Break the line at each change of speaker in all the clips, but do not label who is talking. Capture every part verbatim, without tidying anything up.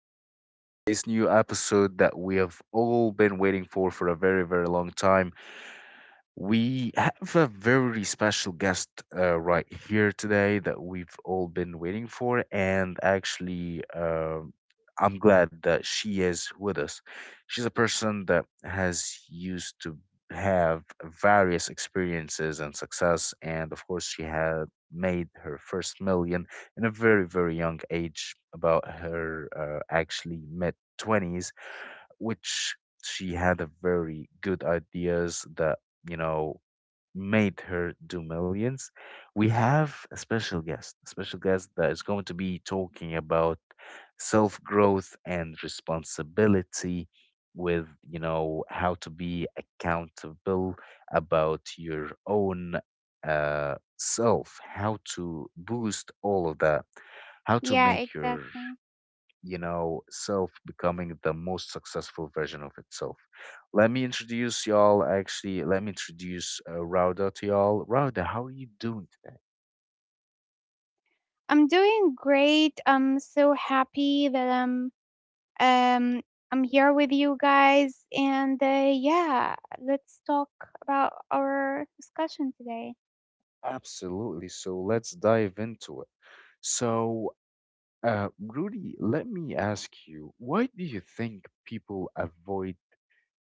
to our today's new episode that we have all been waiting for for a very, very long time. We have a very special guest uh, right here today that we've all been waiting for, and actually, um I'm glad that she is with us. She's a person that has used to have various experiences and success, and of course, she had made her first million in a very, very young age, about her uh, actually mid twenties, which she had a very good ideas that you know made her do millions. We have a special guest, a special guest that is going to be talking about self growth and responsibility with you know how to be accountable about your own uh, self, how to boost all of that, how to
Yeah,
make your
exactly.
you know, self becoming the most successful version of itself. Let me introduce y'all. Actually, let me introduce uh, Rauda to y'all. Rauda, how are you doing today?
I'm doing great. I'm so happy that I'm um I'm here with you guys and uh, yeah, let's talk about our discussion today.
Absolutely. So let's dive into it. So, uh, Rudy, let me ask you, why do you think people avoid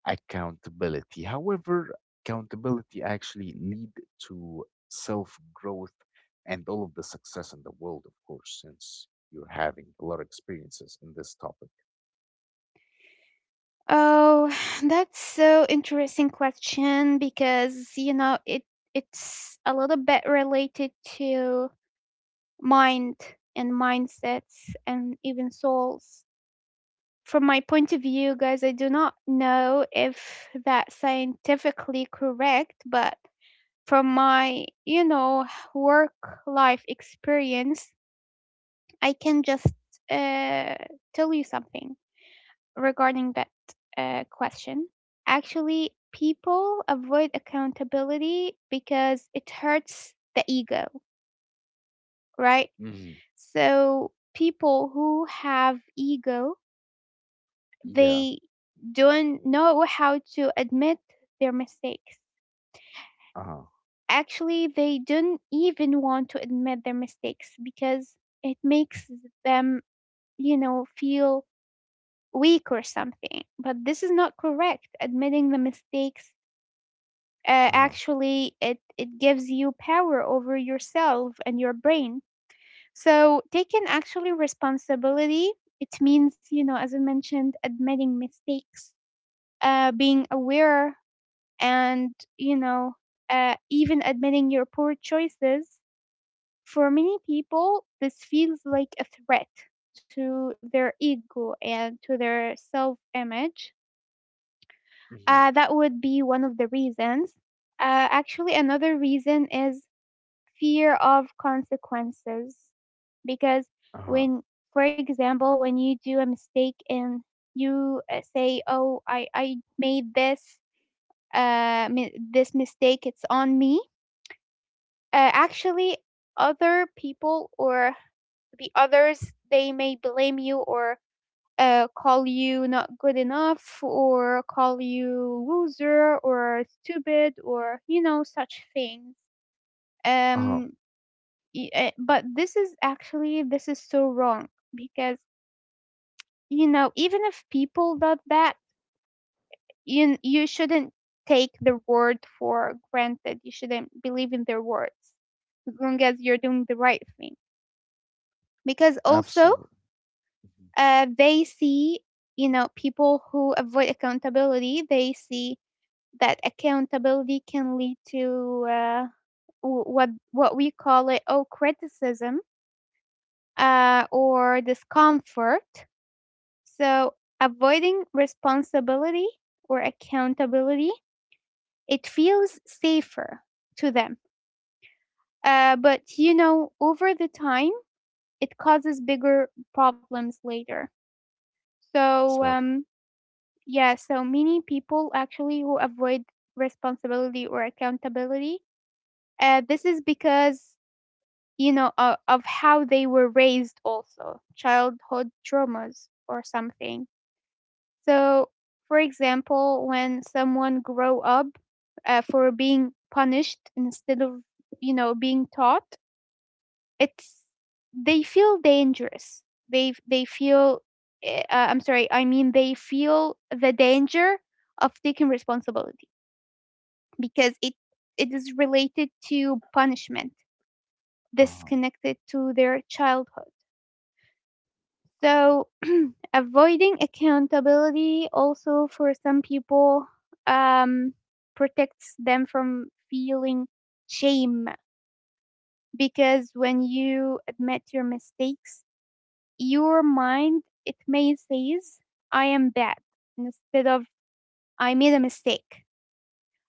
accountability? However, accountability actually lead to self growth and all of the success in the world, of course, since you're having a lot of experiences in this topic.
Oh, that's so interesting question because you know it it's a little bit related to mind and mindsets and even souls. From my point of view, guys, I do not know if that's scientifically correct, but from my, you know, work life experience, I can just uh, tell you something regarding that uh, question. Actually, people avoid accountability because it hurts the ego, right?
Hmm.
So people who have ego, they
Yeah.
don't know how to admit their mistakes.
Uh huh.
Actually, they don't even want to admit their mistakes because it makes them, you know, feel weak or something. But this is not correct. Admitting the mistakes, uh,
Uh huh.
actually it it gives you power over yourself and your brain. So taking actually responsibility, it means, you know, as I mentioned, admitting mistakes, uh, being aware and you know uh, even admitting your poor choices. For many people this feels like a threat to their ego and to their self-image. Uh,
Hmm.
that would be one of the reasons. Uh, actually, another reason is fear of consequences because
Uh huh.
when for example when you do a mistake and you uh, say, oh, i i made this uh mi- this mistake, it's on me. Uh, actually, other people or the others, they may blame you or uh, call you not good enough, or call you loser or stupid, or you know, such things.
Uh huh.
um y- uh, but this is actually, this is so wrong because, you know, even if people do that, you you shouldn't take their word for granted. You shouldn't believe in their words as long as you're doing the right thing. Because also
Absolutely. Hmm.
uh, they see, you know, people who avoid accountability, they see that accountability can lead to, uh, w- what what we call it, oh, criticism uh, or discomfort. So avoiding responsibility or accountability, it feels safer to them. Uh, but you know, over the time, it causes bigger problems later. so
Sadly.
um, Yeah, so many people actually who avoid responsibility or accountability. Uh, this is because, you know, uh, of how they were raised, also childhood traumas or something. So, for example, when someone grow up uh, for being punished instead of, you know, being taught, it's they feel dangerous, they they feel, eh, uh, I'm sorry, I mean, they feel the danger of taking responsibility because it it is related to punishment.
Uh
This is
huh.
connected to their childhood. So avoiding accountability also for some people, um protects them from feeling shame. Because when you admit your mistakes, your mind, it may says, I am bad, instead of, I made a mistake.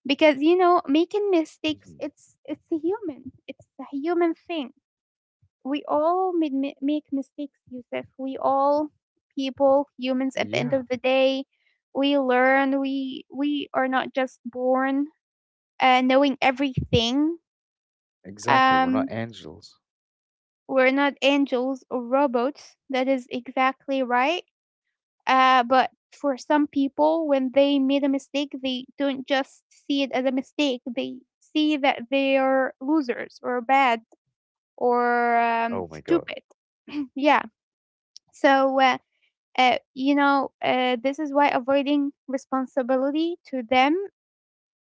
Because you know, making mistakes,
Hmm.
it's it's a human, it's a human thing. We all made, mi- make mistakes, Yusuf. We all people, humans, at the end
Yeah.
of the day, we learn. We we are not just born uh, knowing everything.
Exactly. We're not
um
angels.
we're not angels or robots, that is exactly right. Uh, but for some people, when they made a mistake, they don't just see it as a mistake. They see that they are losers or bad, or
Oh
um,
my God.
stupid. Yeah. So, uh, uh, you know, uh, this is why avoiding responsibility to them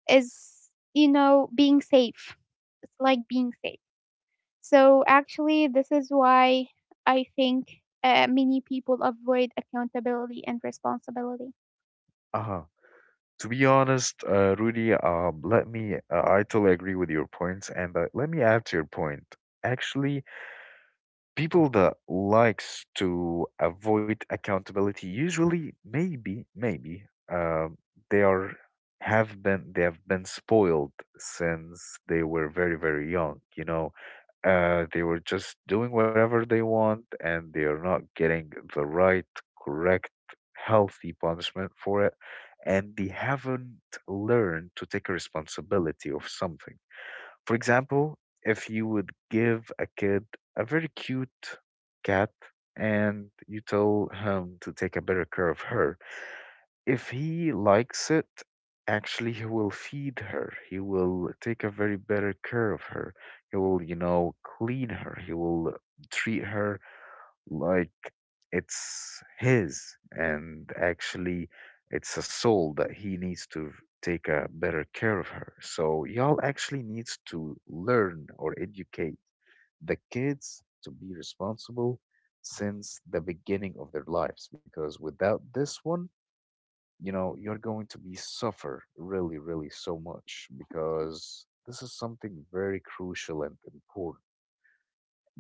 is, you know, being safe. It's like being safe. So actually, this is why I think uh, many people avoid accountability and responsibility.
Uh huh. To be honest, uh, Rudy, um, let me, uh, I totally agree with your points, and uh, let me add to your point. Actually, people that likes to avoid accountability usually, maybe, maybe, uh, they are have been they have been spoiled since they were very, very young. You know, uh, they were just doing whatever they want and they are not getting the right, correct, healthy punishment for it. And they haven't learned to take responsibility of something. For example, if you would give a kid a very cute cat and you tell him to take a better care of her, if he likes it, actually he will feed her. He will take a very better care of her. He will, you know, clean her. He will treat her like it's his, and actually it's a soul that he needs to take a better care of her. So y'all actually needs to learn or educate the kids to be responsible since the beginning of their lives, because without this one, you know you're going to be suffer really really so much, because this is something very crucial and important.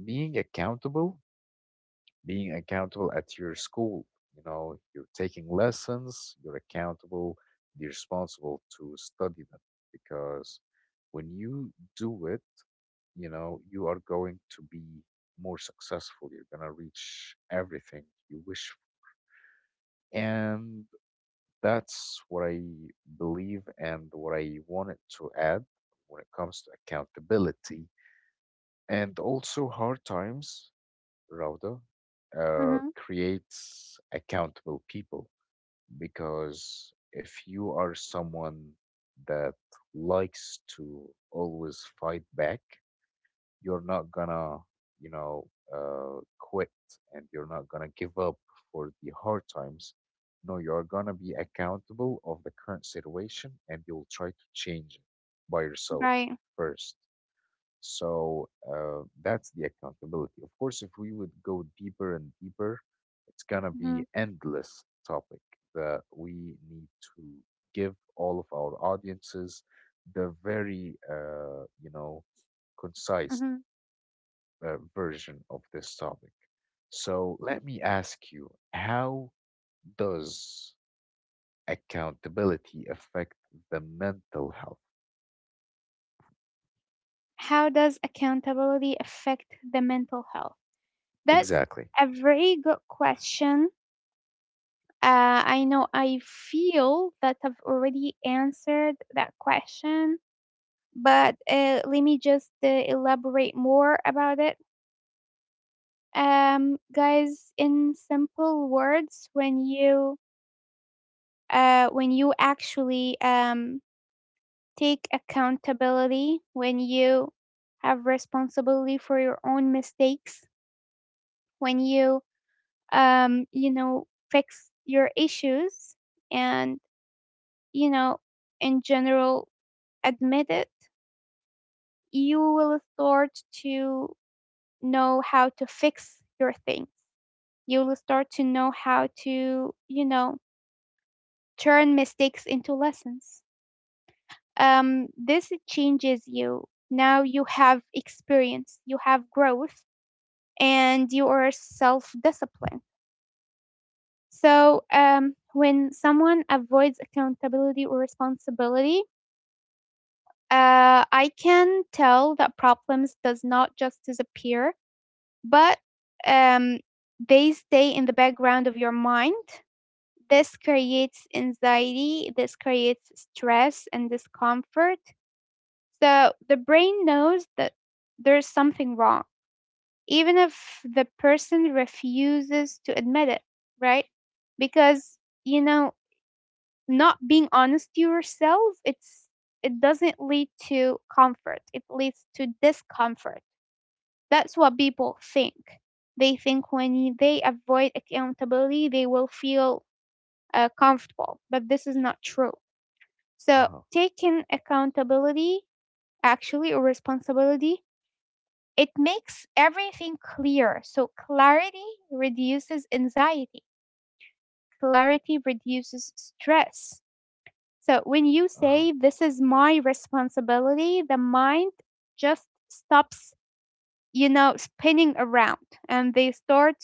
Being accountable, being accountable at your school, you know you're taking lessons, you're accountable, you're responsible to study them, because when you do it, you know you are going to be more successful, you're going to reach everything you wish for. And that's what I believe and what I wanted to add when it comes to accountability. And also, hard times, Rauda, uh,
Mhm.
creates accountable people, because if you are someone that likes to always fight back, you're not gonna, you know, uh, quit, and you're not gonna give up for the hard times. No, you're gonna be accountable of the current situation and you'll try to change it by yourself
Right.
first. So uh, that's the accountability. Of course, if we would go deeper and deeper, it's gonna be
Mhm.
endless topic that we need to give all of our audiences the very uh, you know concise
Mhm.
uh, version of this topic. So let me ask you, how does accountability affect the mental health?
How does accountability affect the mental health? That's
Exactly.
a very good question. Uh, I know I feel that I've already answered that question, but uh, let me just uh, elaborate more about it. Um, guys, in simple words, when you uh, when you actually um, take accountability, when you have responsibility for your own mistakes, when you um, you know, fix your issues, and you know, in general, admit it, you will start to know how to fix your thing. You'll start to know how to, you know, turn mistakes into lessons. Um, this changes you. Now you have experience, you have growth, and you are self disciplined. So, um, when someone avoids accountability or responsibility, uh, I can tell that problems does not just disappear, but um, they stay in the background of your mind. This creates anxiety, this creates stress and discomfort. So the brain knows that there's something wrong, even if the person refuses to admit it, right? Because, you know, not being honest to yourself, it's it doesn't lead to comfort. It leads to discomfort. That's what people think. They think when they avoid accountability, they will feel uh, comfortable, but this is not true. So
Uh-huh.
taking accountability, actually, or responsibility, it makes everything clear. So clarity reduces anxiety, clarity reduces stress. So when you
Uh-huh.
say, this is my responsibility, the mind just stops, you know, spinning around, and they start,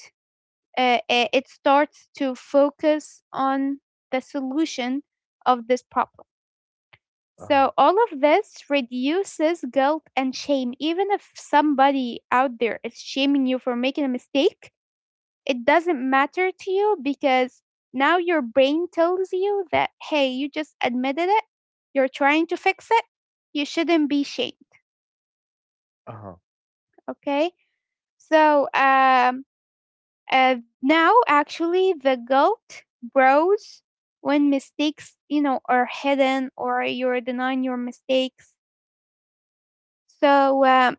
uh, uh, it starts to focus on the solution of this problem.
Uh-huh.
So all of this reduces guilt and shame. Even if somebody out there is shaming you for making a mistake, it doesn't matter to you because now your brain tells you that, hey, you just admitted it. You're trying to fix it. You shouldn't be shamed.
Uh-huh.
Okay. So um, uh, now actually the guilt grows when mistakes, you know, are hidden, or you're denying your mistakes. So uh,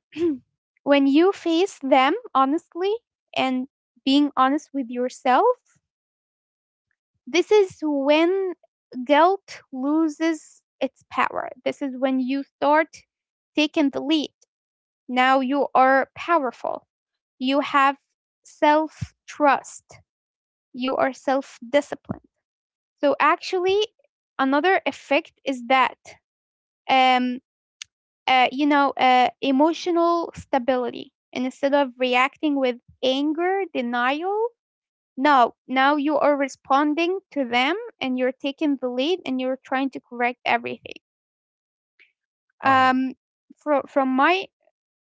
when you face them honestly and being honest with yourself, this is when guilt loses its power. This is when you start taking the lead. Now you are powerful. You have self trust. You are self disciplined. So actually, another effect is that, um, uh, you know, uh, emotional stability. And instead of reacting with anger, denial, no, now you are responding to them, and you're taking the lead, and you're trying to correct everything.
Uh-huh.
Um, fro- from my,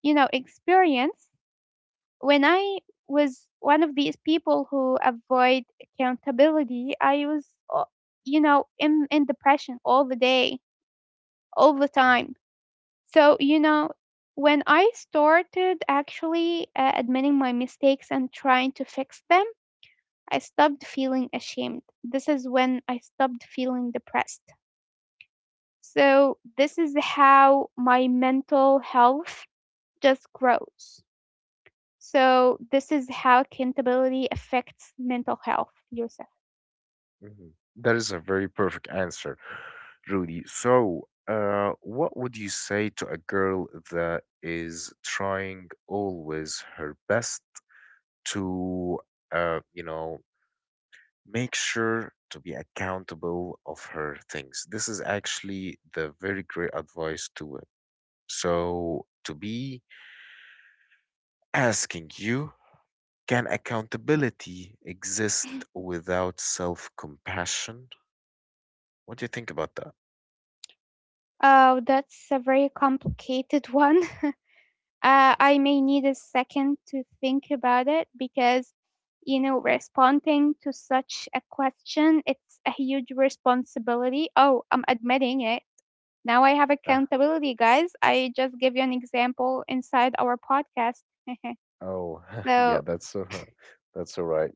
you know, experience, when I was one of these people who avoid accountability, I was, uh, you know, in, in depression all the day, all the
Mm-hmm.
time. So you know, when I started actually uh, admitting my mistakes and trying to fix them, I stopped feeling ashamed. This is when I stopped feeling depressed. So this is how my mental health just grows. So this is how accountability affects mental health, Yusuf.
Mm-hmm. That is a very perfect answer, Rudy. So, uh, what would you say to a girl that is trying always her best to, uh, you know, make sure to be accountable of her things? This is actually the very great advice to it, so to be asking you, can accountability exist without self compassion? What do you think about that?
Oh, that's a very complicated one. Uh,
Mhm.
I may need a second to think about it because, you know, responding to such a question, it's a huge responsibility. Oh, I'm admitting it. Now I have
Uh,
accountability, guys. I just give you an example inside our podcast.
oh, yeah,
so,
that's so, that's all right.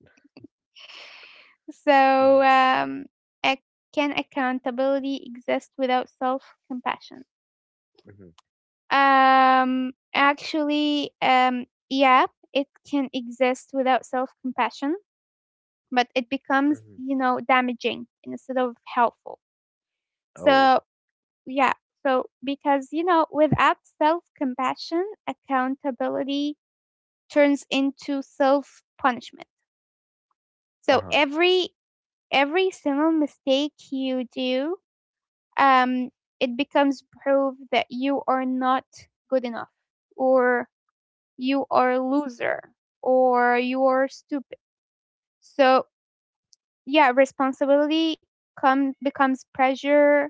Mm-hmm,
so um, ac- can accountability exist without self-compassion?
mm-hmm.
Um, actually, um, yeah, it can exist without self-compassion, but it becomes, you know, damaging instead of helpful.
Oh,
So, yeah. So because, you know, without self compassion, accountability turns into self punishment. So
uh-huh,
every every single mistake you do, um, it becomes proof that you are not good enough, or you are a loser, or you are stupid. So yeah, responsibility come becomes pressure.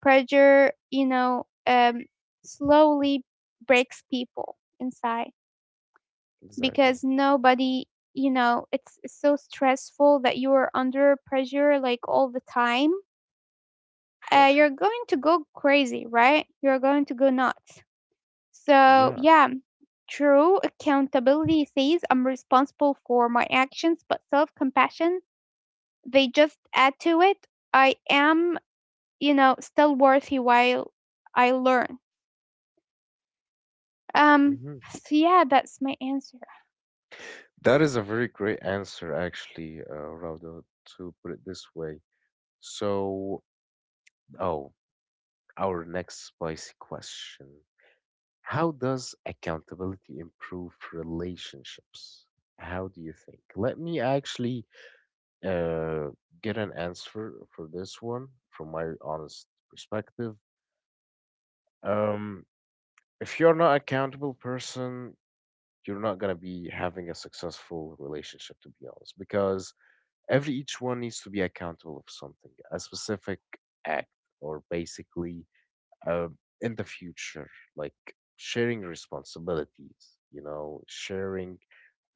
Pressure, you know, um, slowly breaks people inside
exactly.
because nobody, you know, it's it's so stressful that you are under pressure like all the time. Uh, you're
Pressure.
going to go crazy, right? You're going to go nuts. So
Yeah.
yeah, true accountability says, I'm responsible for my actions, but self compassion, they just add to it. I am, you know, still worthy while I learn. Um,
Mm-hmm.
so yeah, that's my answer.
That is a very great answer, actually, uh, Rauda, to put it this way. So, oh, our next spicy question. How does accountability improve relationships? How do you think? Let me actually uh, get an answer for this one from my honest perspective. Um, if you're not accountable person, you're not gonna be having a successful relationship, to be honest, because every each one needs to be accountable of something, a specific act, or basically uh, in the future, like sharing responsibilities. You know, sharing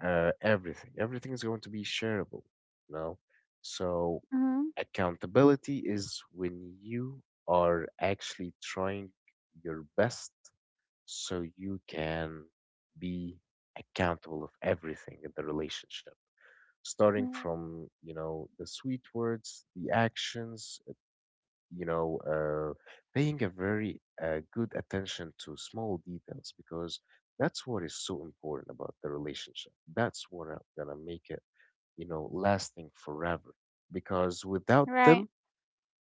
uh, everything. Everything is going to be shareable. You know, so
Mhm,
accountability is when you are actually trying your best so you can be accountable of everything in the relationship, starting
mhm,
from you know the sweet words, the actions, uh, you know uh, paying a very uh, good attention to small details, because that's what is so important about the relationship. That's what are gonna make it you know lasting forever, because without
right.
them,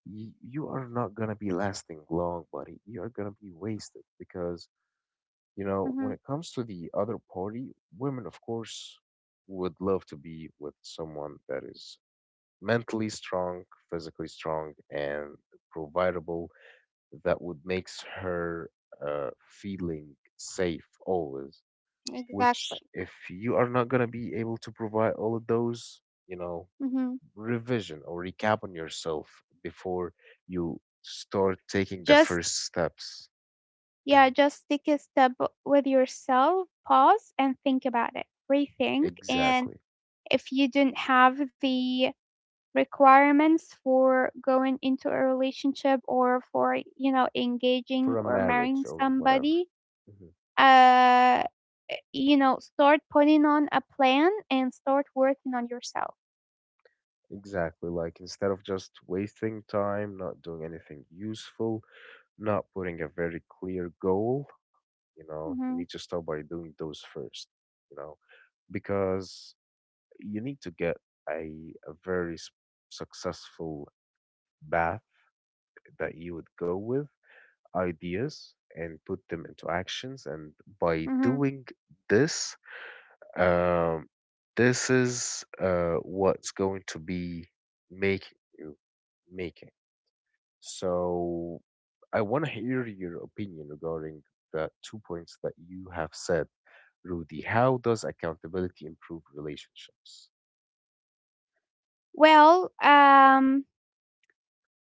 y- you are not gonna be lasting long, buddy. You are gonna be wasted, because you know when
Mhm,
it comes to the other party, women of course would love to be with someone that is mentally strong, physically strong, and providable, that would makes her uh, feeling safe always.
exactly.
Which, if you are not gonna be able to provide all of those, you know,
Mhm.
revision or recap on yourself before you start taking the
Just
first steps.
yeah,
Mhm.
just take a step with yourself, pause and think about it. Rethink, and
Exactly.
if you didn't have the requirements for going into a relationship, or for, you know, engaging
For a
or marrying
marriage or whatever.
somebody,
Mhm.
uh you know, start putting on a plan and start working on yourself.
Exactly. Like instead of just wasting time, not doing anything useful, not putting a very clear goal, you know, you need to
Hmm.
start by doing those first, you know, because you need to get a, a very s- successful path that you would go with ideas and put them into actions. And by
Hmm.
doing this, um, this is uh, what's going to be making you make. So I want to hear your opinion regarding the two points that you have said, Rudy. How does accountability improve relationships?
Well, um,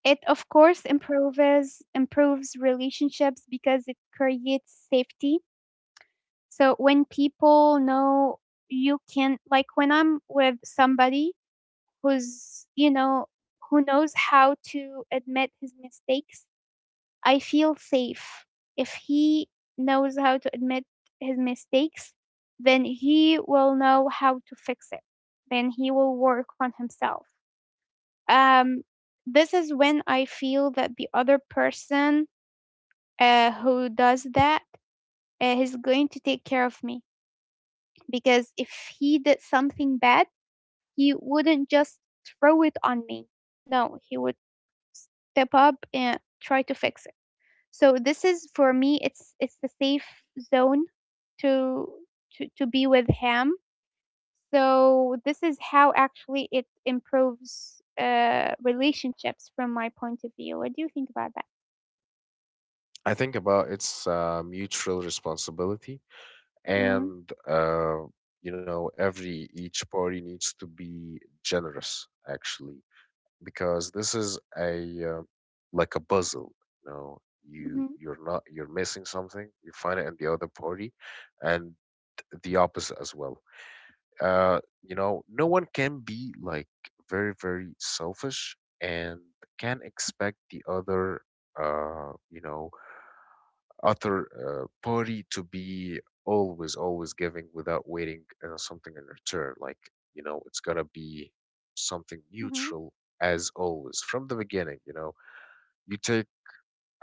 it of course improves improves relationships because it creates safety. So when people know you can, like when I'm with somebody who's, you know, who knows how to admit his mistakes, I feel safe. If he knows how to admit his mistakes, then he will know how to fix it. Then he will work on himself. Um, this is when I feel that the other person uh, who does that uh, is going to take care of me. Because if he did something bad, he wouldn't just throw it on me. No, he would step up and try to fix it. So this is for me, it's it's the safe zone to to, to be with him. So this is how actually it improves uh, relationships from my point of view. What do you think about that?
I think about it's uh, mutual responsibility,
Mm-hmm.
and uh, you know, every each party needs to be generous, actually, because this is a uh, like a puzzle. You know you you're not you're missing something, you find it in the other party, and the opposite as well. Uh you know no one can be like very, very selfish and can expect the other uh you know other uh, party to be always, always giving without waiting uh, something in return. Like, you know it's got to be something
Mm-hmm.
mutual, as always. From the beginning, you know you take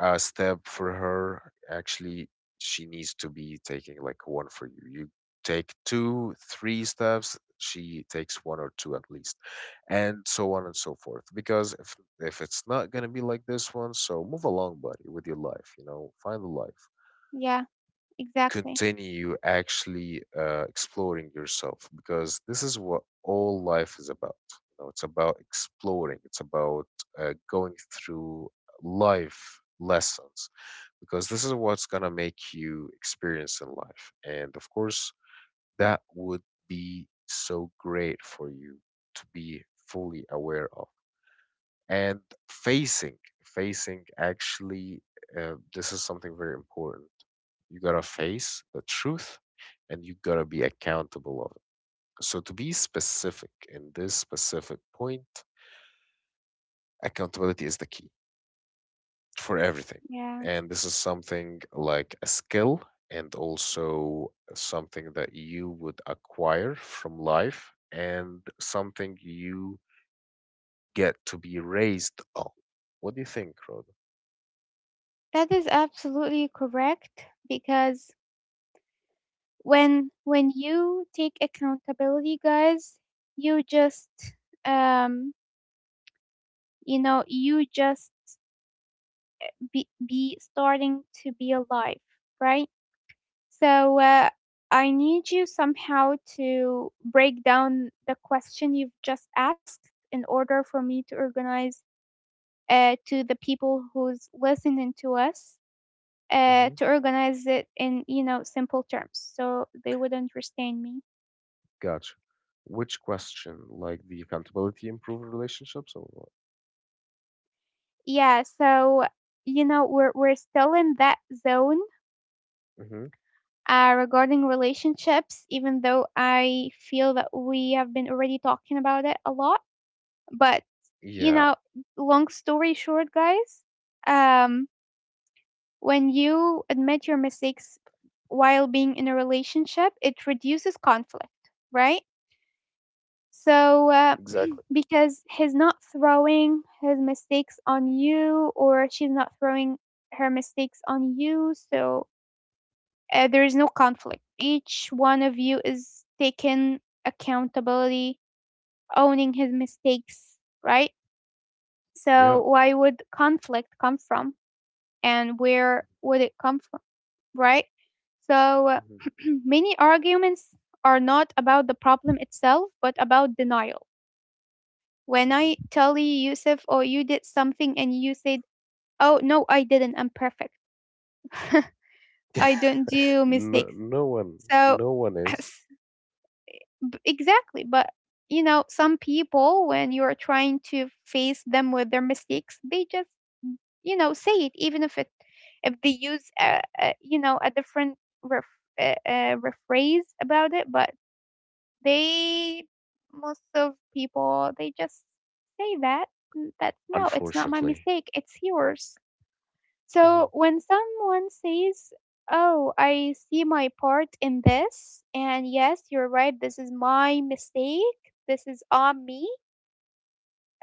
a step for her, actually she needs to be taking like one for you you take two three steps, she takes one or two at least, and so on and so forth, because if if it's not going to be like this one, so move along, buddy, with your life. You know find the life,
Yeah, exactly.
continue actually uh, exploring yourself, because this is what all life is about. You know, it's about exploring. It's about uh, going through life lessons, because this is what's gonna make you experience in life. And of course, that would be so great for you, to be fully aware of, and facing facing actually, uh, this is something very important. You gotta face the truth, and you gotta be accountable of it. So, to be specific in this specific point, accountability is the key for everything,
Yeah.
and this is something like a skill, and also something that you would acquire from life, and something you get to be raised on. What do you think, Rhoda?
That is absolutely correct because when when you take accountability, guys, you just um you know you just be, be starting to be alive, right? So uh, i need you somehow to break down the question you've just asked in order for me to organize, uh, to the people who's listening to us, uh, to organize it in you know simple terms so they would understand me.
Gotcha. Which question? Like the accountability improve relationships, or what?
Yeah, so you know we're we're still in that zone.
Hmm.
Uh, regarding relationships, even though I feel that we have been already talking about it a lot, but
Yeah,
you know, long story short, guys, um, when you admit your mistakes while being in a relationship, it reduces conflict, right? So, uh,
exactly.
because he's not throwing his mistakes on you, or she's not throwing her mistakes on you, so uh, there is no conflict. Each one of you is taking accountability, owning his mistakes, right?
Yeah.
So why would conflict come from, and where would it come from, right? So uh,
Hmm.
many arguments are not about the problem itself, but about denial. When I
Hmm.
tell you, Yusuf, oh, you did something, and you said, oh, no, I didn't, I'm perfect, I don't do
No,
mistakes.
no one,
So
no one is.
B- exactly, but you know some people when you're trying to face them with their mistakes, they just you know say it, even if it, if they use a, a you know a different ref, uh, uh, rephrase about it, but they, most of people they just say that, "N- That's, no, it's not my
Unfortunately.
mistake, it's yours."
Mhm.
So when someone says, oh, I see my part in this, and yes, you're right, this is my mistake, this is on me,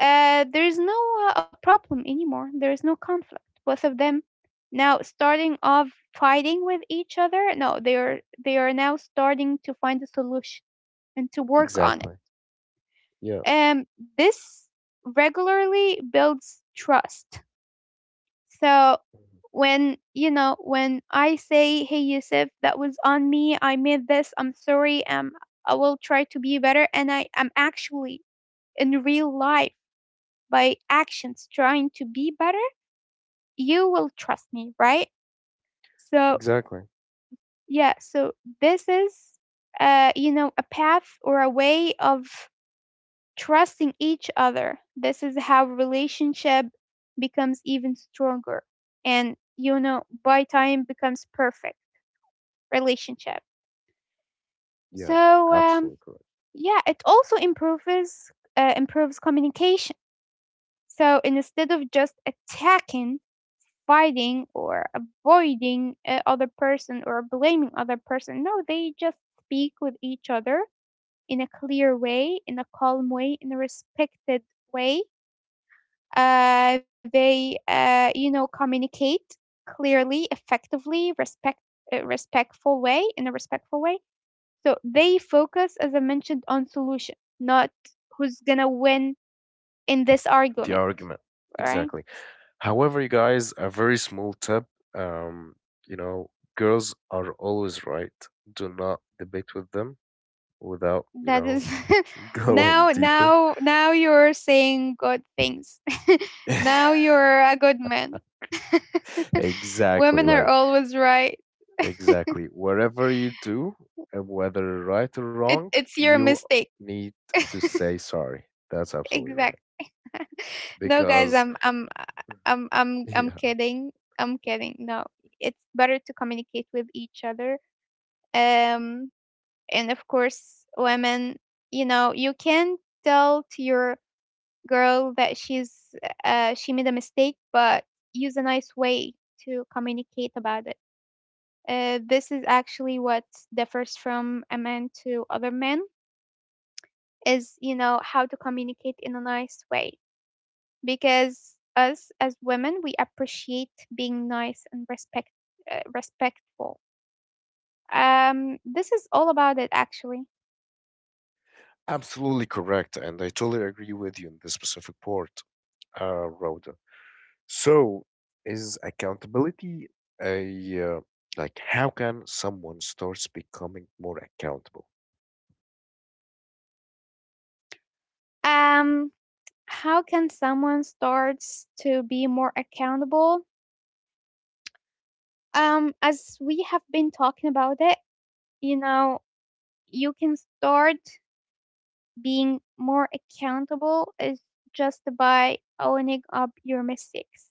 uh, there's no uh, a problem anymore. There's no conflict. Both of them now starting off fighting with each other. No, they are they are now starting to find a solution and to work on
Exactly. Yeah.
it. Um, this regularly builds trust. So
Mhm.
when you know when I say, "Hey Yusuf, that was on me. I made this. I'm sorry. Um, I will try to be better." And I am actually, in real life, by actions, trying to be better. You will trust me, right? So
Exactly.
yeah. So this is uh you know a path or a way of trusting each other. This is how relationship becomes even stronger, and you know by time becomes perfect relationship.
Yeah.
So um,
Absolutely correct.
yeah, it also improves uh, improves communication. So instead of just attacking, fighting, or avoiding uh, other person or blaming other person, no, they just speak with each other in a clear way, in a calm way, in a respected way. Uh, they uh, you know communicate clearly, effectively, respect uh, respectful way in a respectful way. So they focus, as I mentioned, on solution, not who's gonna win in this
The
argument,
argument.
right?
Exactly. However, you guys, a very small tip. Um, you know, girls are always right. Do not debate with them without, you
That
know,
is
going
now,
deeper.
now, now you're saying good things. Now you're a good man.
Exactly,
Women are
like
always right.
exactly. Whatever you do, and whether right or
It,
wrong,
it's your
you
mistake.
need to say sorry. That's absolutely right.
Exact. No, guys,
Because
I'm, I'm,
Mhm.
I'm, I'm, I'm
Yeah,
kidding. I'm kidding. No, it's better to communicate with each other. Um, And of course, women, you know, you can tell to your girl that she's, uh, she made a mistake, but use a nice way to communicate about it. Uh, this is actually what differs from a man to other men is you know how to communicate in a nice way, because us as women we appreciate being nice and respect uh, respectful. Um, this is all about it actually.
absolutely correct, and I totally agree with you in this specific part, uh, Rhoda. So, is accountability a uh, like how can someone starts becoming more accountable?
Um, how can someone start to be more accountable? Um, as we have been talking about it, you know, you can start being more accountable is just by owning up your mistakes.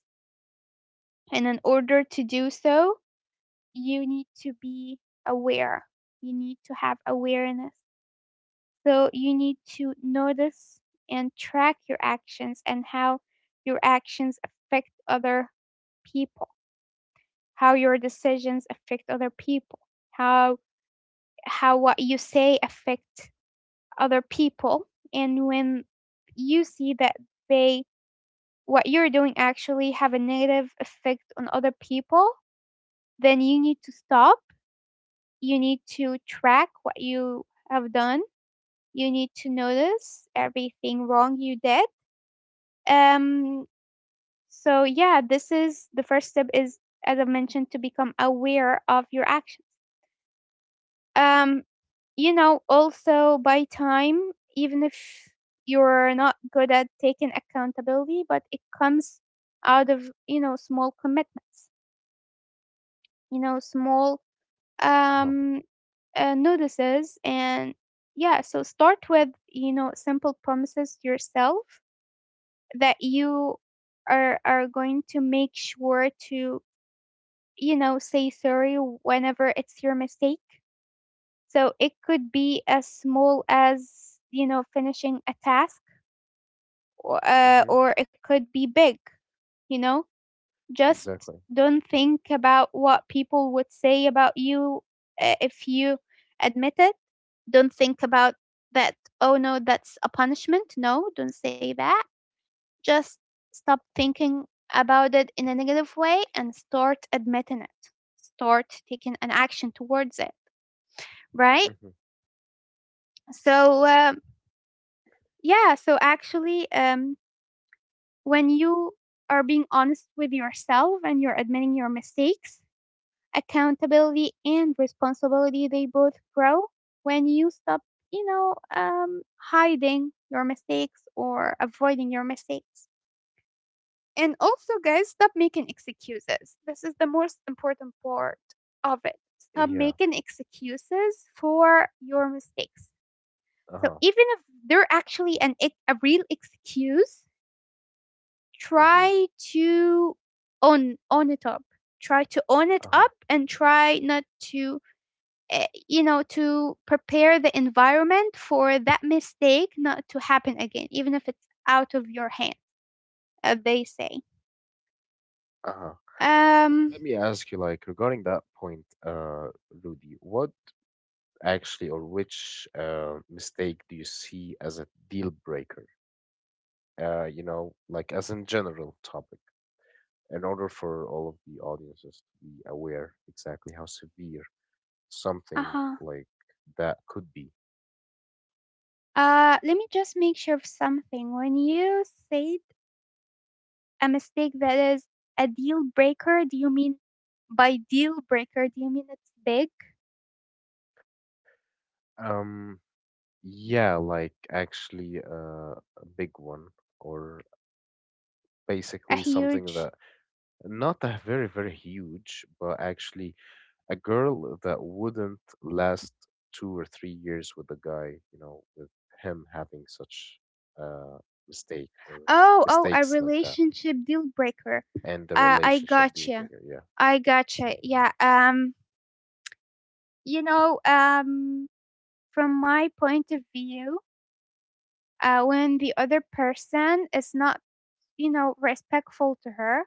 And in order to do so, you need to be aware. You need to have awareness. So you need to notice and track your actions, and how your actions affect other people, how your decisions affect other people, how how what you say affect other people. And when you see that they what you're doing actually have a negative effect on other people, then you need to stop. You need to track what you have done. You need to notice everything wrong you did. Um, so yeah, this is the first step, is as I mentioned, to become aware of your actions. Um, you know, also by time, even if you're not good at taking accountability, but it comes out of, you know, small commitments, you know, small
Uh-huh.
um, uh, notices. And yeah, so start with, you know, simple promises to yourself that you are are going to make sure to, you know, say sorry whenever it's your mistake. So it could be as small as, you know, finishing a task, or, uh,
Mm-hmm.
or it could be big, you know? Just
Exactly.
don't think about what people would say about you, uh, if you admit it. Don't think about that, oh no, that's a punishment. No, don't say that. Just stop thinking about it in a negative way and start admitting it. Start taking an action towards it, right?
Mm-hmm.
So, um, yeah, so actually, um, when you are being honest with yourself and you're admitting your mistakes, accountability and responsibility they both grow when you stop, you know, um, hiding your mistakes or avoiding your mistakes. And also, guys, stop making excuses. This is the most important part of it. Stop
Yeah.
making excuses for your mistakes. So
Uh-huh.
even if they're actually an ex- a real excuse,
Mm-hmm.
try to own own it up, try to own it
Uh-huh.
up, and try not to eh, you know to prepare the environment for that mistake not to happen again, even if it's out of your hand, as they say.
Uh-huh. Let me ask you,
Um,
like, regarding that point, uh, Rudy, what actually or which uh mistake do you see as a deal breaker? Uh, you know, like, as in general topic, in order for all of the audiences to be aware exactly how severe something
uh-huh.
like that could be.
Uh, let me just make sure of something. When you said a mistake that is a deal breaker, do you mean by deal breaker, do you mean it's big,
Um, yeah, like actually uh, a big one, or
a
basically something
huge?
that not a very, very huge, but actually a girl that wouldn't last two or three years with the guy, you know, with him having such a mistake or
Oh, oh, a
mistakes like that,
relationship deal breaker.
and the
Uh, I
relationship deal
gotcha.
breaker. Yeah.
I gotcha. Yeah. Um, you know, um, from my point of view, uh, when the other person is not, you know, respectful to her,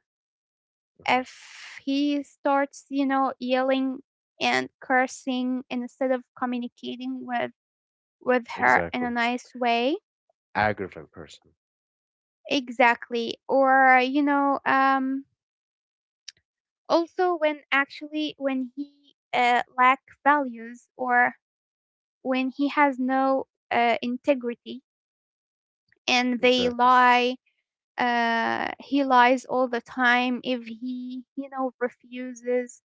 Mhm.
if he starts, you know, yelling and cursing instead of communicating with with her in a
Exactly.
nice way,
Aggravant person.
exactly. Or you know, um, also when actually when he, uh, lack values, or when he has no uh, integrity, and they
Exactly.
lie, uh, he lies all the time, if he, you know, refuses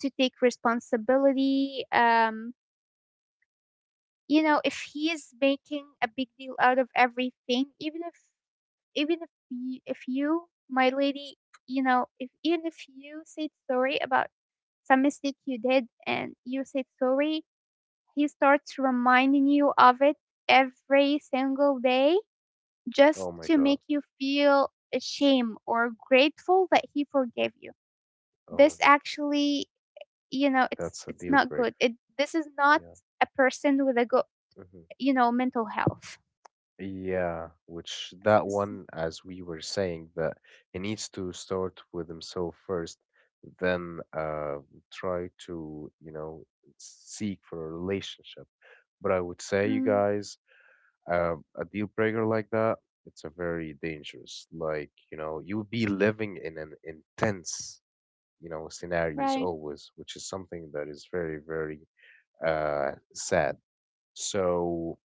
to take responsibility. Um, you know, if he is making a big deal out of everything, even if, even if you, if you, my lady, you know, if even if you said sorry about some mistake you did and you said sorry, he starts reminding you of it every single day just
Oh my
to make
God.
you feel ashamed or grateful that he forgave you. This
Oh,
actually, you know, it's
that's a
it's
deal
not good.
breaker.
It, this is not
Yeah.
a person with a good,
hmm
you know, mental health.
Yeah, which that
S-
one, as we were saying, that he needs to start with himself first, then uh try to, you know, seek for a relationship. But I would say, you
Mm,
guys, Um, a deal breaker like that, it's a very dangerous. Like, you know, you'll be living in an intense, you know, scenarios
right.
always, which is something that is very, very uh sad. So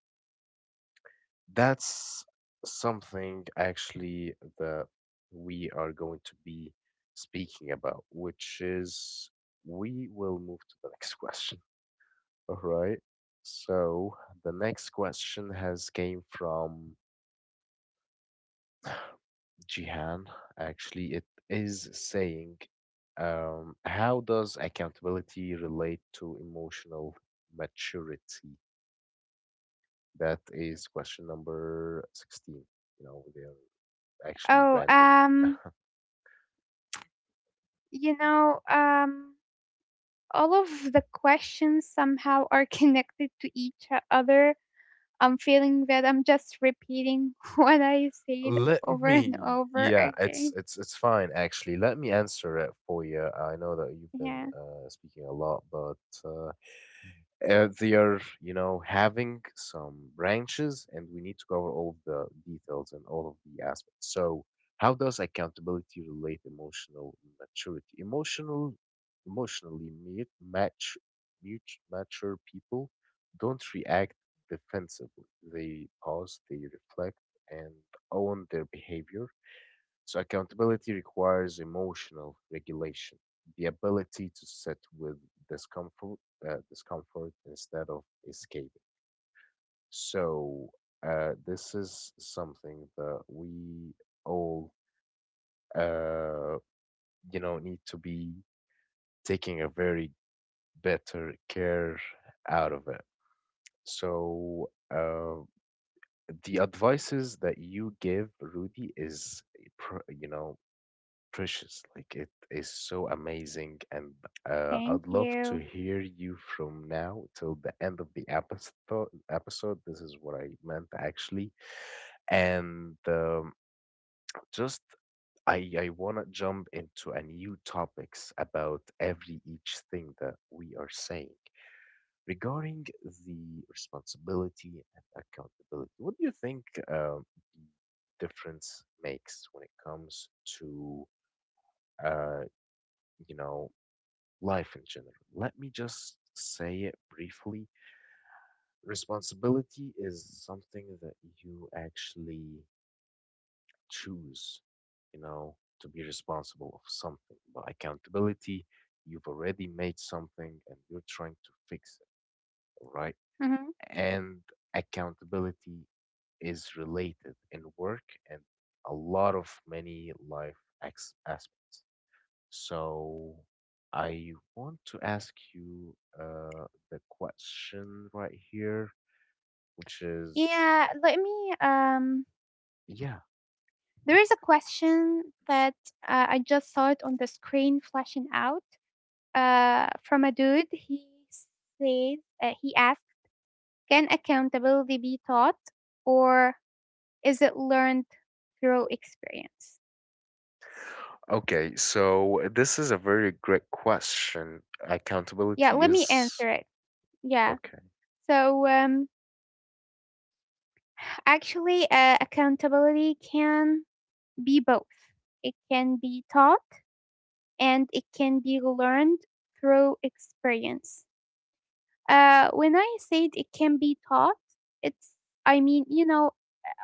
that's something actually that we are going to be speaking about, which is we will move to the next question. All right. So the next question has came from Jihan, actually, it is saying, um, how does accountability relate to emotional maturity? That is question number sixteen. You know, they are actually
Oh,
random.
um, you know, um, all of the questions somehow are connected to each other. I'm feeling that I'm just repeating what I said
Let
over and
me,
over
yeah,
again.
it's it's it's fine actually. Let me answer it for you. I know that you've been
Yeah,
uh, speaking a lot, but uh, Uh, they are, you know, having some branches, and we need to cover all of the details and all of the aspects. So, how does accountability relate emotional maturity? Emotional, emotionally mute, match, mute, mature people don't react defensively. They pause, they reflect, and own their behavior, so accountability requires emotional regulation, the ability to sit with discomfort, uh, discomfort instead of escaping. So, uh, this is something that we all, uh, you know, need to be taking a very better care out of it. So, uh, the advices that you give, Rudy, is, eh, pr- you know, precious. Like it is so amazing, and uh,
thank
I'd love to
you.
hear you from now till the end of the episode. Episode. This is what I meant actually, and um, just I I wanna jump into a new topics about every each thing that we are saying. Regarding the responsibility and accountability, what do you think uh, difference makes when it comes to uh, you know, life in general. Let me just say it briefly. Responsibility is something that you actually choose, you know, to be responsible of something. But accountability, you've already made something and you're trying to fix it, all right?
Hmm.
And accountability is related in work and a lot of many life ex- aspects. So I want to ask you uh, the question right here, which is,
Yeah, let me. Um,
yeah.
there is a question that, uh, I just saw it on the screen flashing out, uh, from a dude. He says, uh, he asked, can accountability be taught? Or is it learned through experience?
Okay, so this is a very great question.
Yeah,
Accountability
let me
is
answer it. Yeah.
okay.
So, um, actually, uh, accountability can be both. It can be taught and it can be learned through experience. Uh, when I said it can be taught, it's, I mean, you know,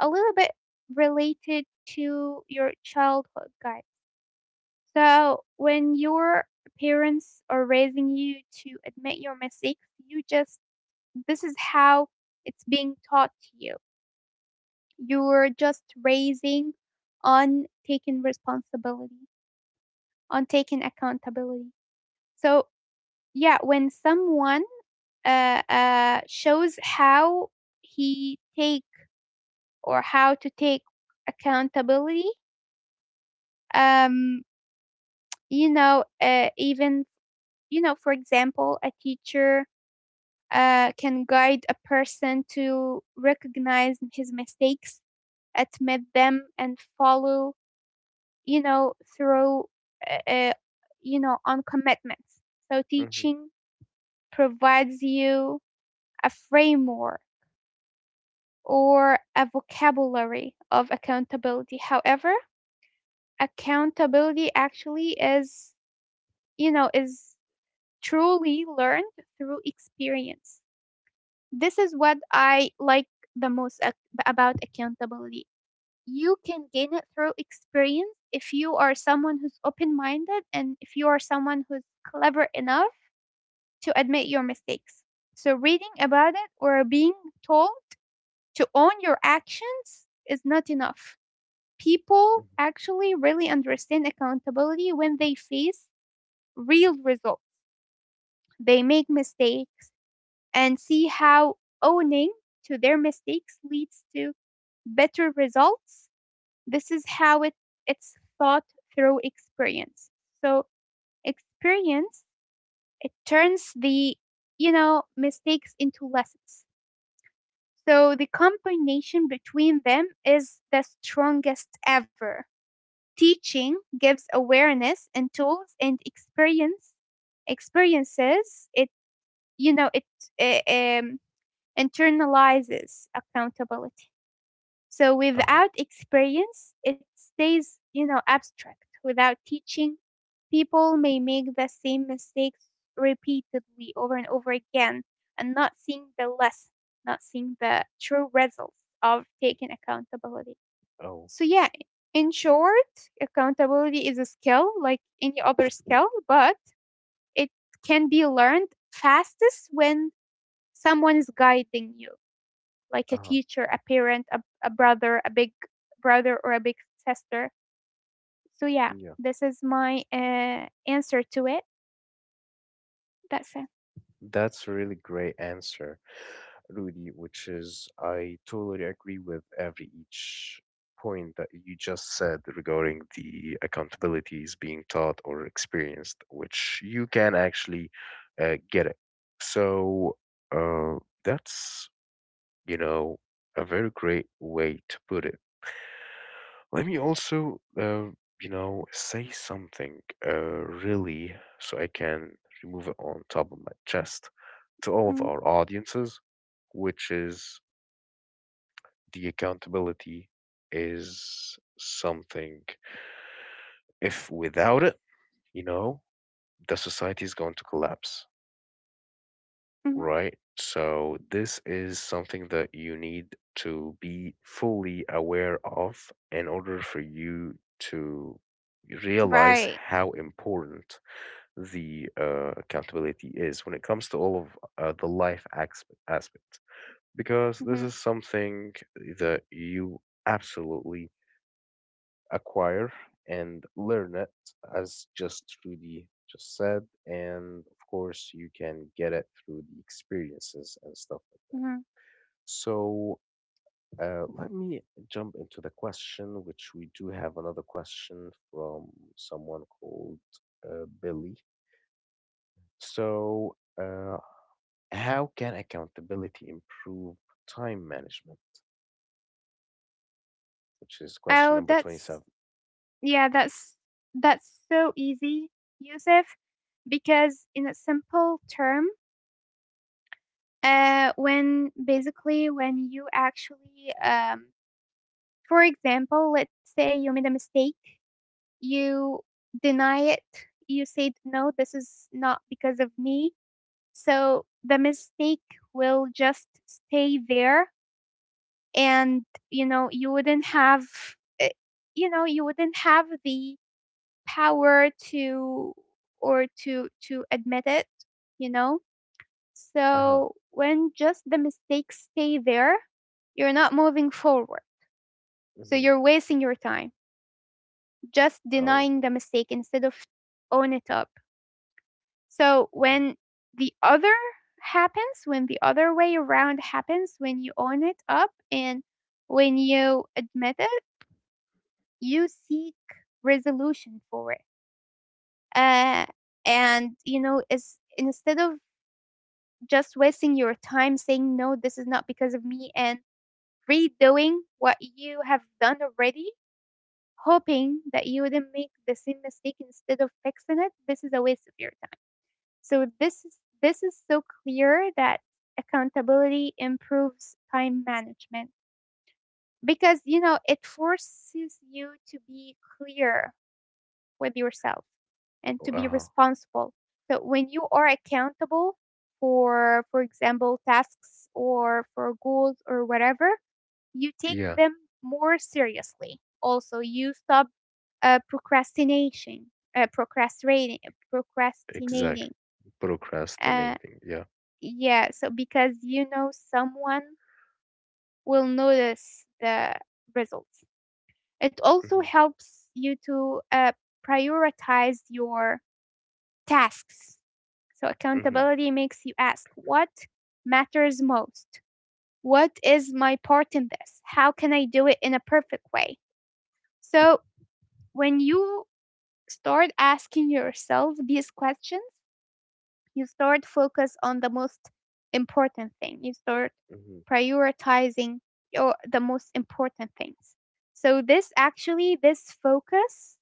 a little bit related to your childhood, guys. So, when your parents are raising you to admit your mistakes, you just, this is how it's being taught to you. You're just raising on taking responsibility, on taking accountability. So, yeah, when someone uh, uh, shows how he take or how to take accountability, um, you know, uh, even, you know, for example, a teacher uh, can guide a person to recognize his mistakes, admit them, and follow, you know, through, uh, uh, you know, on commitments. So
Mm-hmm.
teaching provides you a framework or a vocabulary of accountability. However, accountability actually is, you know, is truly learned through experience. This is what I like the most ac- about accountability. You can gain it through experience if you are someone who's open minded, and if you are someone who's clever enough to admit your mistakes. So, reading about it or being told to own your actions is not enough. People
Mm-hmm.
actually really understand accountability when they face real results. They make mistakes and see how owning to their mistakes leads to better results. This is how it, it's thought through experience. So experience, it turns the, you know, mistakes into lessons. So the combination between them is the strongest ever. Teaching gives awareness and tools, and experience experiences. It, you know, it, uh, um, internalizes accountability. So
Uh-huh.
without experience, it stays, you know, abstract. Without teaching, people may make the same mistakes repeatedly over and over again, and not seeing the lesson, not seeing the true results of taking accountability.
Oh,
So yeah, in short, accountability is a skill like any other skill, but it can be learned fastest when someone is guiding you like a
uh-huh.
teacher, a parent, a, a brother, a big brother, or a big sister. So, yeah,
Yeah.
this is my uh, answer to it. That's it.
That's a really great answer. Rudy, which is I totally agree with every each point that you just said regarding the accountabilities being taught or experienced, which you can actually uh, get it. So, uh, that's, you know, a very great way to put it. Let me also, uh, you know, say something uh, really so I can remove it on top of my chest to all of
hmm
our audiences, which is the accountability is something if without it, you know, the society is going to collapse,
hmm
right? So this is something that you need to be fully aware of in order for you to realize
Right.
how important the uh, accountability is when it comes to all of uh, the life asp- aspect, because this
hmm
is something that you absolutely acquire and learn it, as just Rudy just said. And of course, you can get it through the experiences and stuff like that.
hmm
So, uh, let me jump into the question, which we do have another question from someone called uh, Billy. So, uh, how can accountability improve time management? Which is question
Oh,
number
that's,
twenty-seven.
yeah, that's, that's so easy, Yusuf, because in a simple term, uh, when basically when you actually um, for example, let's say you made a mistake. You deny it. You say, "No, this is not because of me." So the mistake will just stay there and, you know, you wouldn't have eh, you know, you wouldn't have the power to or to to admit it, you know?
Uh huh.
So when just the mistakes stay there, you're not moving forward. So
hmm
you're wasting your time just
Oh.
denying the mistake instead of own it up. So
hmm
when the other happens, when the other way around happens, when you own it up and when you admit it, you seek resolution for it. Uh, and you know, is instead of just wasting your time saying no, this is not because of me, and redoing what you have done already, hoping that you wouldn't make the same mistake instead of fixing it, this is a waste of your. So this is this is so clear that accountability improves time management because, you know, it forces you to be clear with yourself and
Oh,
to
uh
be
huh.
responsible. So when you are accountable for for example, tasks or for goals or whatever, you take
Yeah.
them more seriously. Also, you stop uh, procrastination, uh, procrastinating,
Exactly.
procrastinating. Uh,
Procrastinating. Yeah.
Yeah, so because you know someone will notice the results. It also
Mhm.
helps you to uh, prioritize your tasks. So
Mhm.
accountability makes you ask, what matters most? What is my part in this? How can I do it in a perfect way? So when you start asking yourself these questions, you start focus on the most important thing, you start
Mhm.
prioritizing your the most important things. So this actually, this focus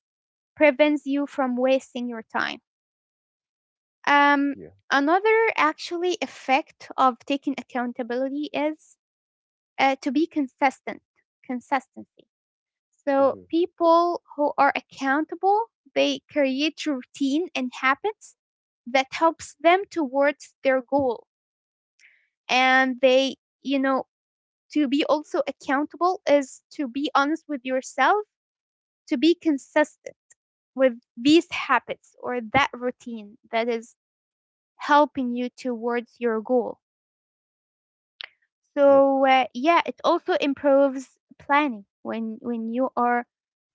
prevents you from wasting your time. um,
Yeah.
Another actually effect of taking accountability is uh, to be consistent consistency. So
Mhm.
people who are accountable, they create routine and habits that helps them towards their goal. And they, you know, to be also accountable is to be honest with yourself, to be consistent with these habits or that routine that is helping you towards your goal.
Yep.
So uh, yeah, it also improves planning when when you are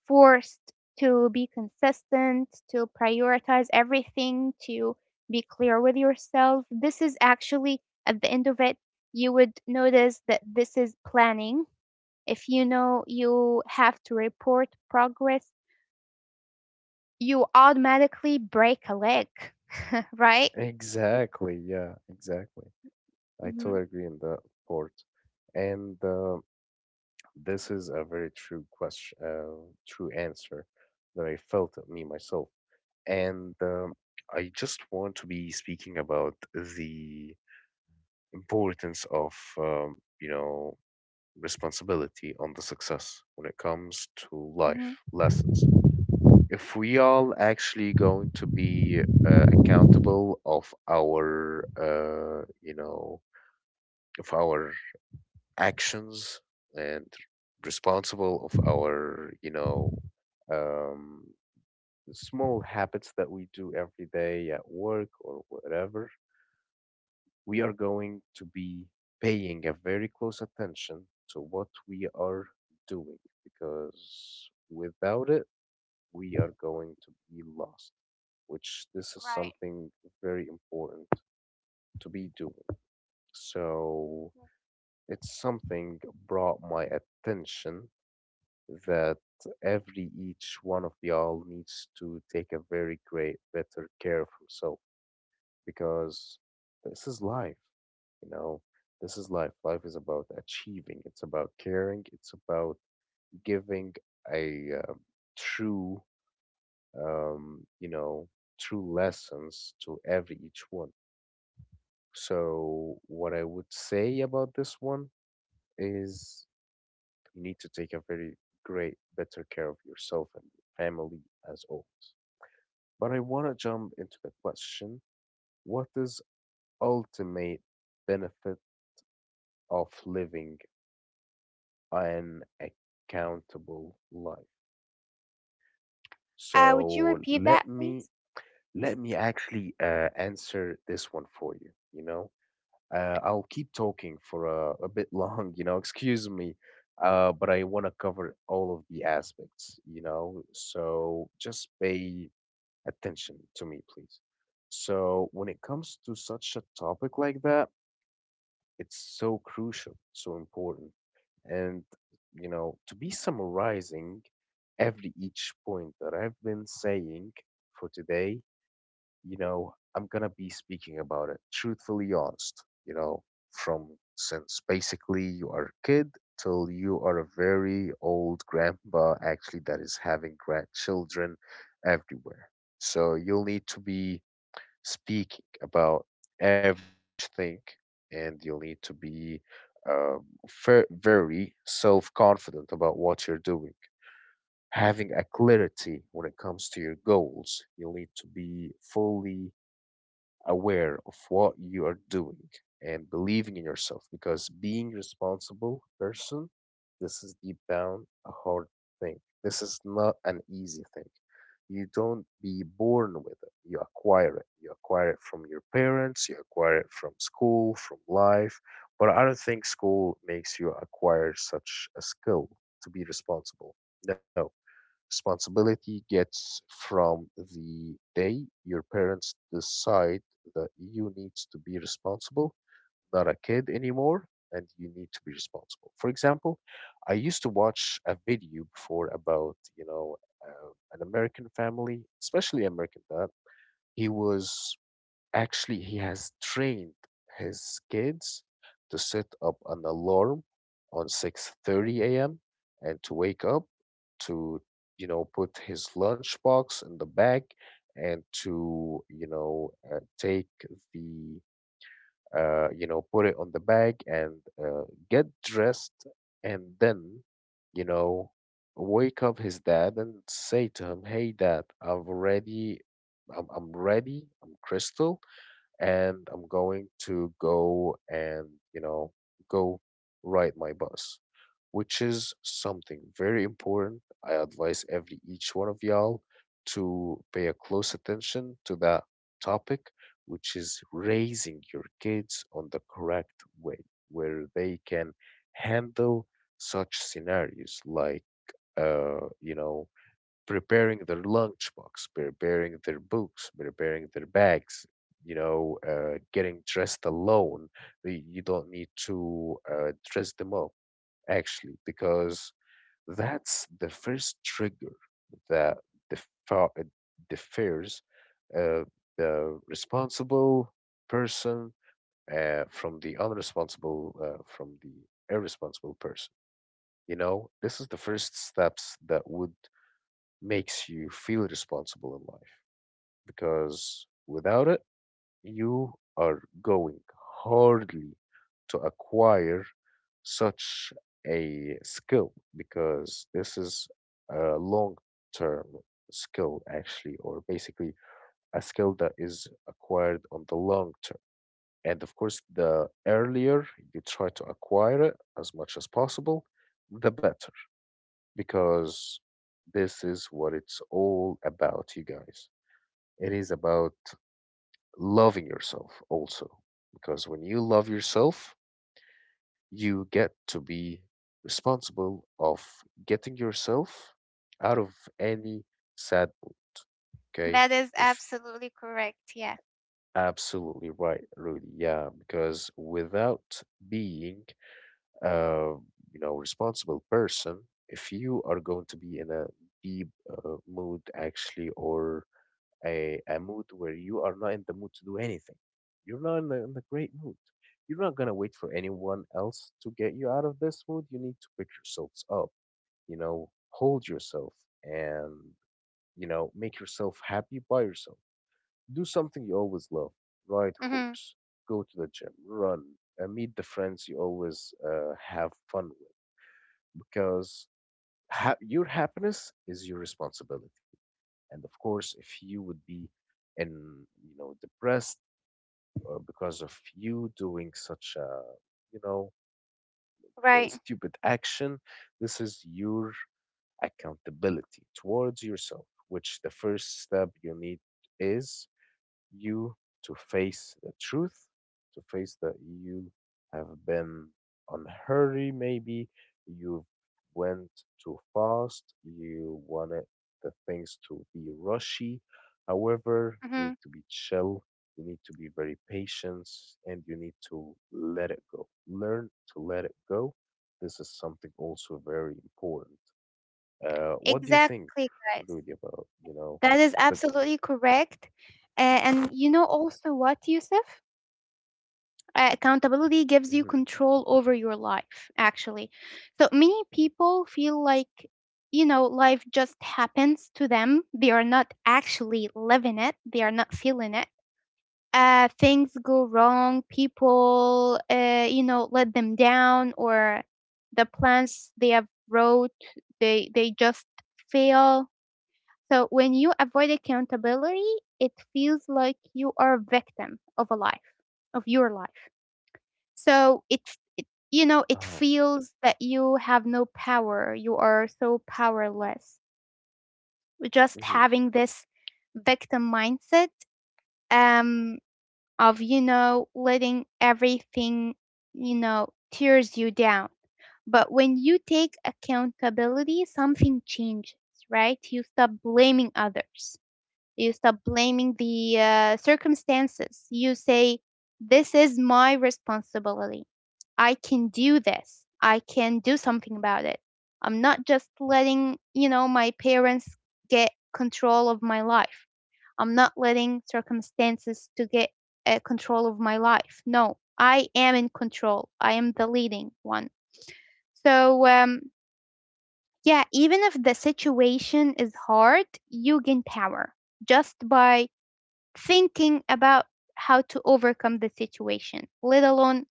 forced to be consistent, to prioritize everything, to be clear with yourself. This is actually, at the end of it, you would notice that this is planning. If you know you have to report progress, you automatically break a leg, right?
Exactly. Yeah. Exactly. I
hmm
totally agree in that part. And uh, this is a very true question, uh, true answer that I felt at me myself. And um, I just want to be speaking about the importance of, um, you know, responsibility on the success when it comes to
hmm
life lessons. If we all actually going to be uh, accountable of our, uh, you know, of our actions, and responsible of our, you know, um, small habits that we do every day at work or whatever, we are going to be paying a very close attention to what we are doing, because without it we are going to be lost, which this is
Right.
something very important to be doing. So it's something brought my attention that every each one of y'all needs to take a very great better care of himself, because this is life, you know, this is life. Life is about achieving, it's about caring, it's about giving a, uh, true, um you know, true lessons to every each one. So, what I would say about this one is you need to take a very great, better care of yourself and your family as always. But I want to jump into the question, what is ultimate benefit of living an accountable life?
Uh, would you
So,
repeat
let
that,
me,
please?
let me actually uh, answer this one for you, you know? Uh, I'll keep talking for a, a bit long, you know, excuse me, uh, but I want to cover all of the aspects, you know, so just pay attention to me, please. So, when it comes to such a topic like that, it's so crucial, so important. And, you know, to be summarizing every each point that I've been saying for today, you know, I'm gonna be speaking about it truthfully honest, you know, from, since basically you are a kid till you are a very old grandpa actually that is having grandchildren everywhere. So you'll need to be speaking about every each thing, and you'll need to be uh, ver- very self-confident about what you're doing, having a clarity when it comes to your goals. You'll need to be fully aware of what you are doing and believing in yourself, because being responsible person, this is deep down a hard thing, this is not an easy thing. You don't be born with it, you acquire it. You acquire it from your parents, you acquire it from school, from life. But I don't think school makes you acquire such a skill to be responsible. No. Responsibility gets from the day your parents decide that you needs to be responsible, not a kid anymore, and you need to be responsible. For example, I used to watch a video before about, you know, uh, an American family, especially American dad. He was Actually, he has trained his kids to set up an alarm on six thirty a m and to wake up to, you know, put his lunchbox in the bag, and to, you know, uh, take the, uh, you know, put it on the bag, and uh, get dressed, and then, you know, wake up his dad and say to him, "Hey, dad, I've already, I'm, I'm ready. I'm Crystal and I'm going to go and, you know, go ride my bus," which is something very important. I advise every each one of y'all to pay a close attention to that topic, which is raising your kids on the correct way, where they can handle such scenarios like, uh, you know, preparing their lunchbox, preparing their books, preparing their bags, you know, uh, getting dressed alone. Y- You don't need to uh, dress them up, actually, because that's the first trigger that defa- uh, differs uh, the responsible person uh, from the unresponsible, uh, from the irresponsible person. You know, this is the first steps that would makes you feel responsible in life, because without it, you are going hardly to acquire such a skill, because this is a long term skill, actually, or basically a skill that is acquired on the long term. And of course, the earlier you try to acquire it as much as possible, the better, because this is what it's all about, you guys. It is about loving yourself also. Because when you love yourself, you get to be responsible of getting yourself out of any sad mood. Okay?
That is
If
absolutely correct. Yeah.
absolutely right, Rudy. Yeah, because without being uh, you know, responsible person, if you are going to be in a deep uh, mood actually, or a, a mood where you are not in the mood to do anything, you're not in the, in the great mood. You're not gonna wait for anyone else to get you out of this mood. You need to pick yourselves up, you know, hold yourself, and you know, make yourself happy by yourself. Do something you always love. Ride
hmm
horse, go to the gym, run, uh, meet the friends you always uh, have fun with, because ha- your happiness is your responsibility. And of course, if you would be in, you know, depressed or because of you doing such a, you know, a
Right.
stupid action, this is your accountability towards yourself, which the first step you need is you to face the truth, to face that you have been on hurry maybe, you went too fast, you wanted the things to be rushy. However,
Mm-hmm.
you need to be chill, you need to be very patient, and you need to let it go. Learn to let it go. This is something also very important. Uh, what do you think,
Exactly, guys.
Rudy, about, you know,
That is
the
absolutely correct. Uh, and you know also what, Yusuf? Uh, accountability gives you
Mhm.
control over your life, actually. So many people feel like, you know, life just happens to them. They are not actually living it, they are not feeling it. Uh, things go wrong, people, uh, you know, let them down, or the plans they have wrote, they, they just fail. So when you avoid accountability, it feels like you are a victim of a life, of your life. So it, f- it you know, it
Oh.
feels that you have no power. You are so powerless. Just
Mhm,
having this victim mindset, um of, you know, letting everything, you know, tears you down. But when you take accountability, something changes, right? You stop blaming others, you stop blaming the uh, circumstances. You say, this is my responsibility. I can do this. I can do something about it. I'm not just letting, you know, my parents get control of my life. I'm not letting circumstances to get uh, control of my life. No, I am in control. I am the leading one. So, um, yeah, even if the situation is hard, you gain power just by thinking about how to overcome the situation, let alone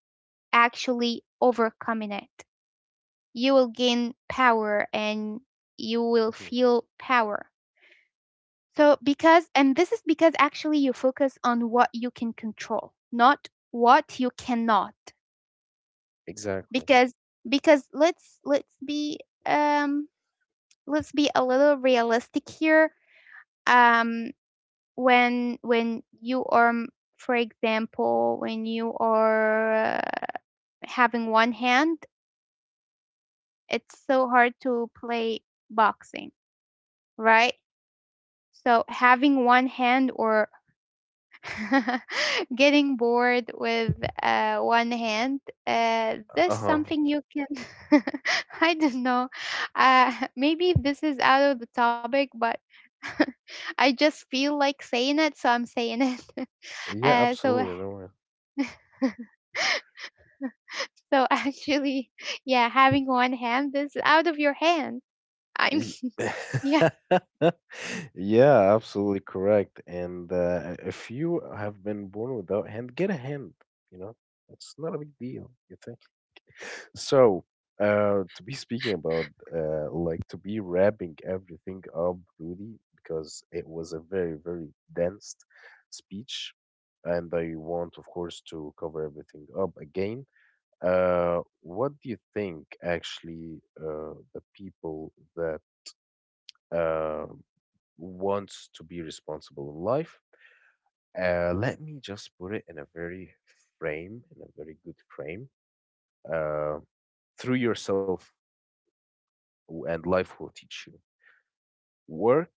actually overcoming it. You will gain power and you will
mhm.
feel power. So, because, and this is because actually you focus on what you can control, not what you cannot.
Exactly.
Because, because let's, let's be, um, let's be a little realistic here. Um, when, when you are, for example, when you are having one hand, it's so hard to play boxing, right? So having one hand or getting bored with uh, one hand, uh, this
Uh-huh.
something you can. I don't know. Uh, maybe this is out of the topic, but I just feel like saying it, so I'm saying it.
Yeah,
Uh, so
absolutely. No worries.
so actually, yeah, having one hand is out of your hand. I'm
Y-
yeah.
Yeah, absolutely correct. And uh, if you have been born without hand, get a hand, you know? It's not a big deal, you think? So, uh, to be speaking about, uh, like to be wrapping everything up, Rudy, because it was a very, very dense speech, and I want, of course, to cover everything up again. Uh, what do you think, actually, uh, the people that uh, wants to be responsible in life? Uh, let me just put it in a very frame, in a very good frame. Uh, through yourself and life will teach you. Work,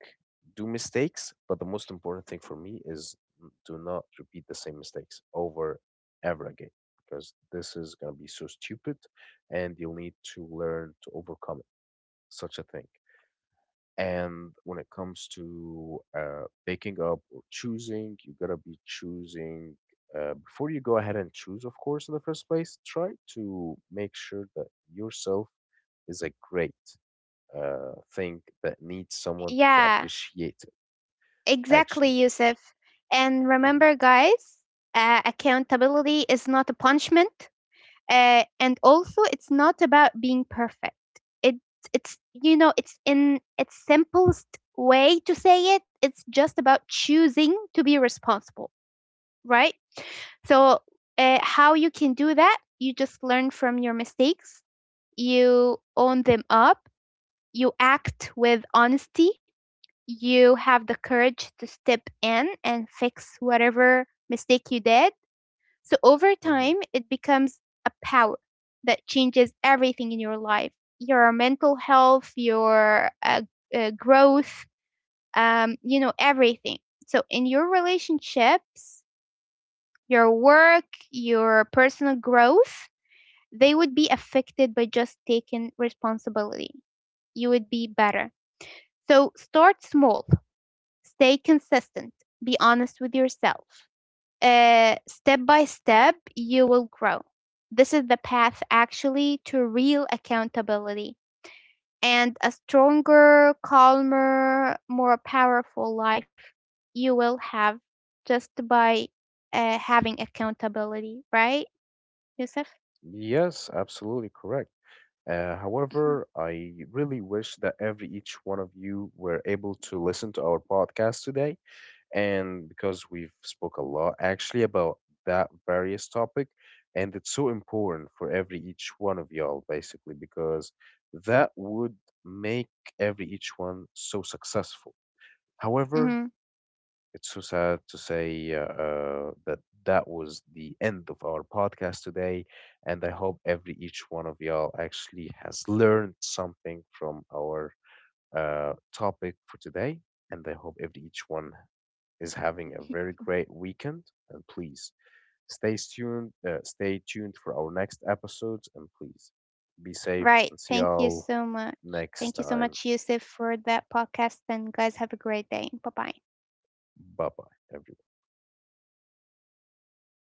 do mistakes, but the most important thing for me is n- do not repeat the same mistakes over ever again, because this is going to be so stupid, and you'll need to learn to overcome such a thing. And when it comes to uh, picking up or choosing, you got to be choosing. Uh, before you go ahead and choose, of course, in the first place, try to make sure that yourself is a great uh, thing that needs someone to
Yeah,
appreciate it,
exactly,
actually.
Yusuf. And
hmm
remember, guys, uh, accountability is not a punishment, uh, and also it's not about being perfect. It, it's, you know, it's in its simplest way to say it. It's just about choosing to be responsible, right? So, uh, how you can do that? You just learn from your mistakes. You own them up. You act with honesty, you have the courage to step in and fix whatever mistake you did. So over
hmm
time, it becomes a power that changes everything in your life, your mental health, your uh, uh, growth, um, you know, everything. So in your relationships, your work, your personal growth, they would be affected by just taking responsibility. You would be better. So start small. Stay consistent. Be honest with yourself. Uh, step by step, you will grow. This is the path actually to real accountability and a stronger, calmer, more powerful life you will have just by uh, having accountability, right, Yusuf?
Yes, absolutely correct. Uh, however, I really wish that every each one of you were able to listen to our podcast today, and because we've spoke a lot actually about that various topic, and it's so important for every each one of y'all basically, because that would make every each one so successful. However,
hmm
it's so sad to say uh, uh, that that was the end of our podcast today, and I hope every each one of y'all actually has learned something from our uh, topic for today, and I hope every each one is having a very great weekend. And please stay tuned, uh, stay tuned for our next episodes. And please be safe
Right.
and see
Thank you
y'all
so much.
next
Thank you so
time.
much, Yusuf, for that podcast. And guys, have a great day. Bye bye.
Bye bye, everyone.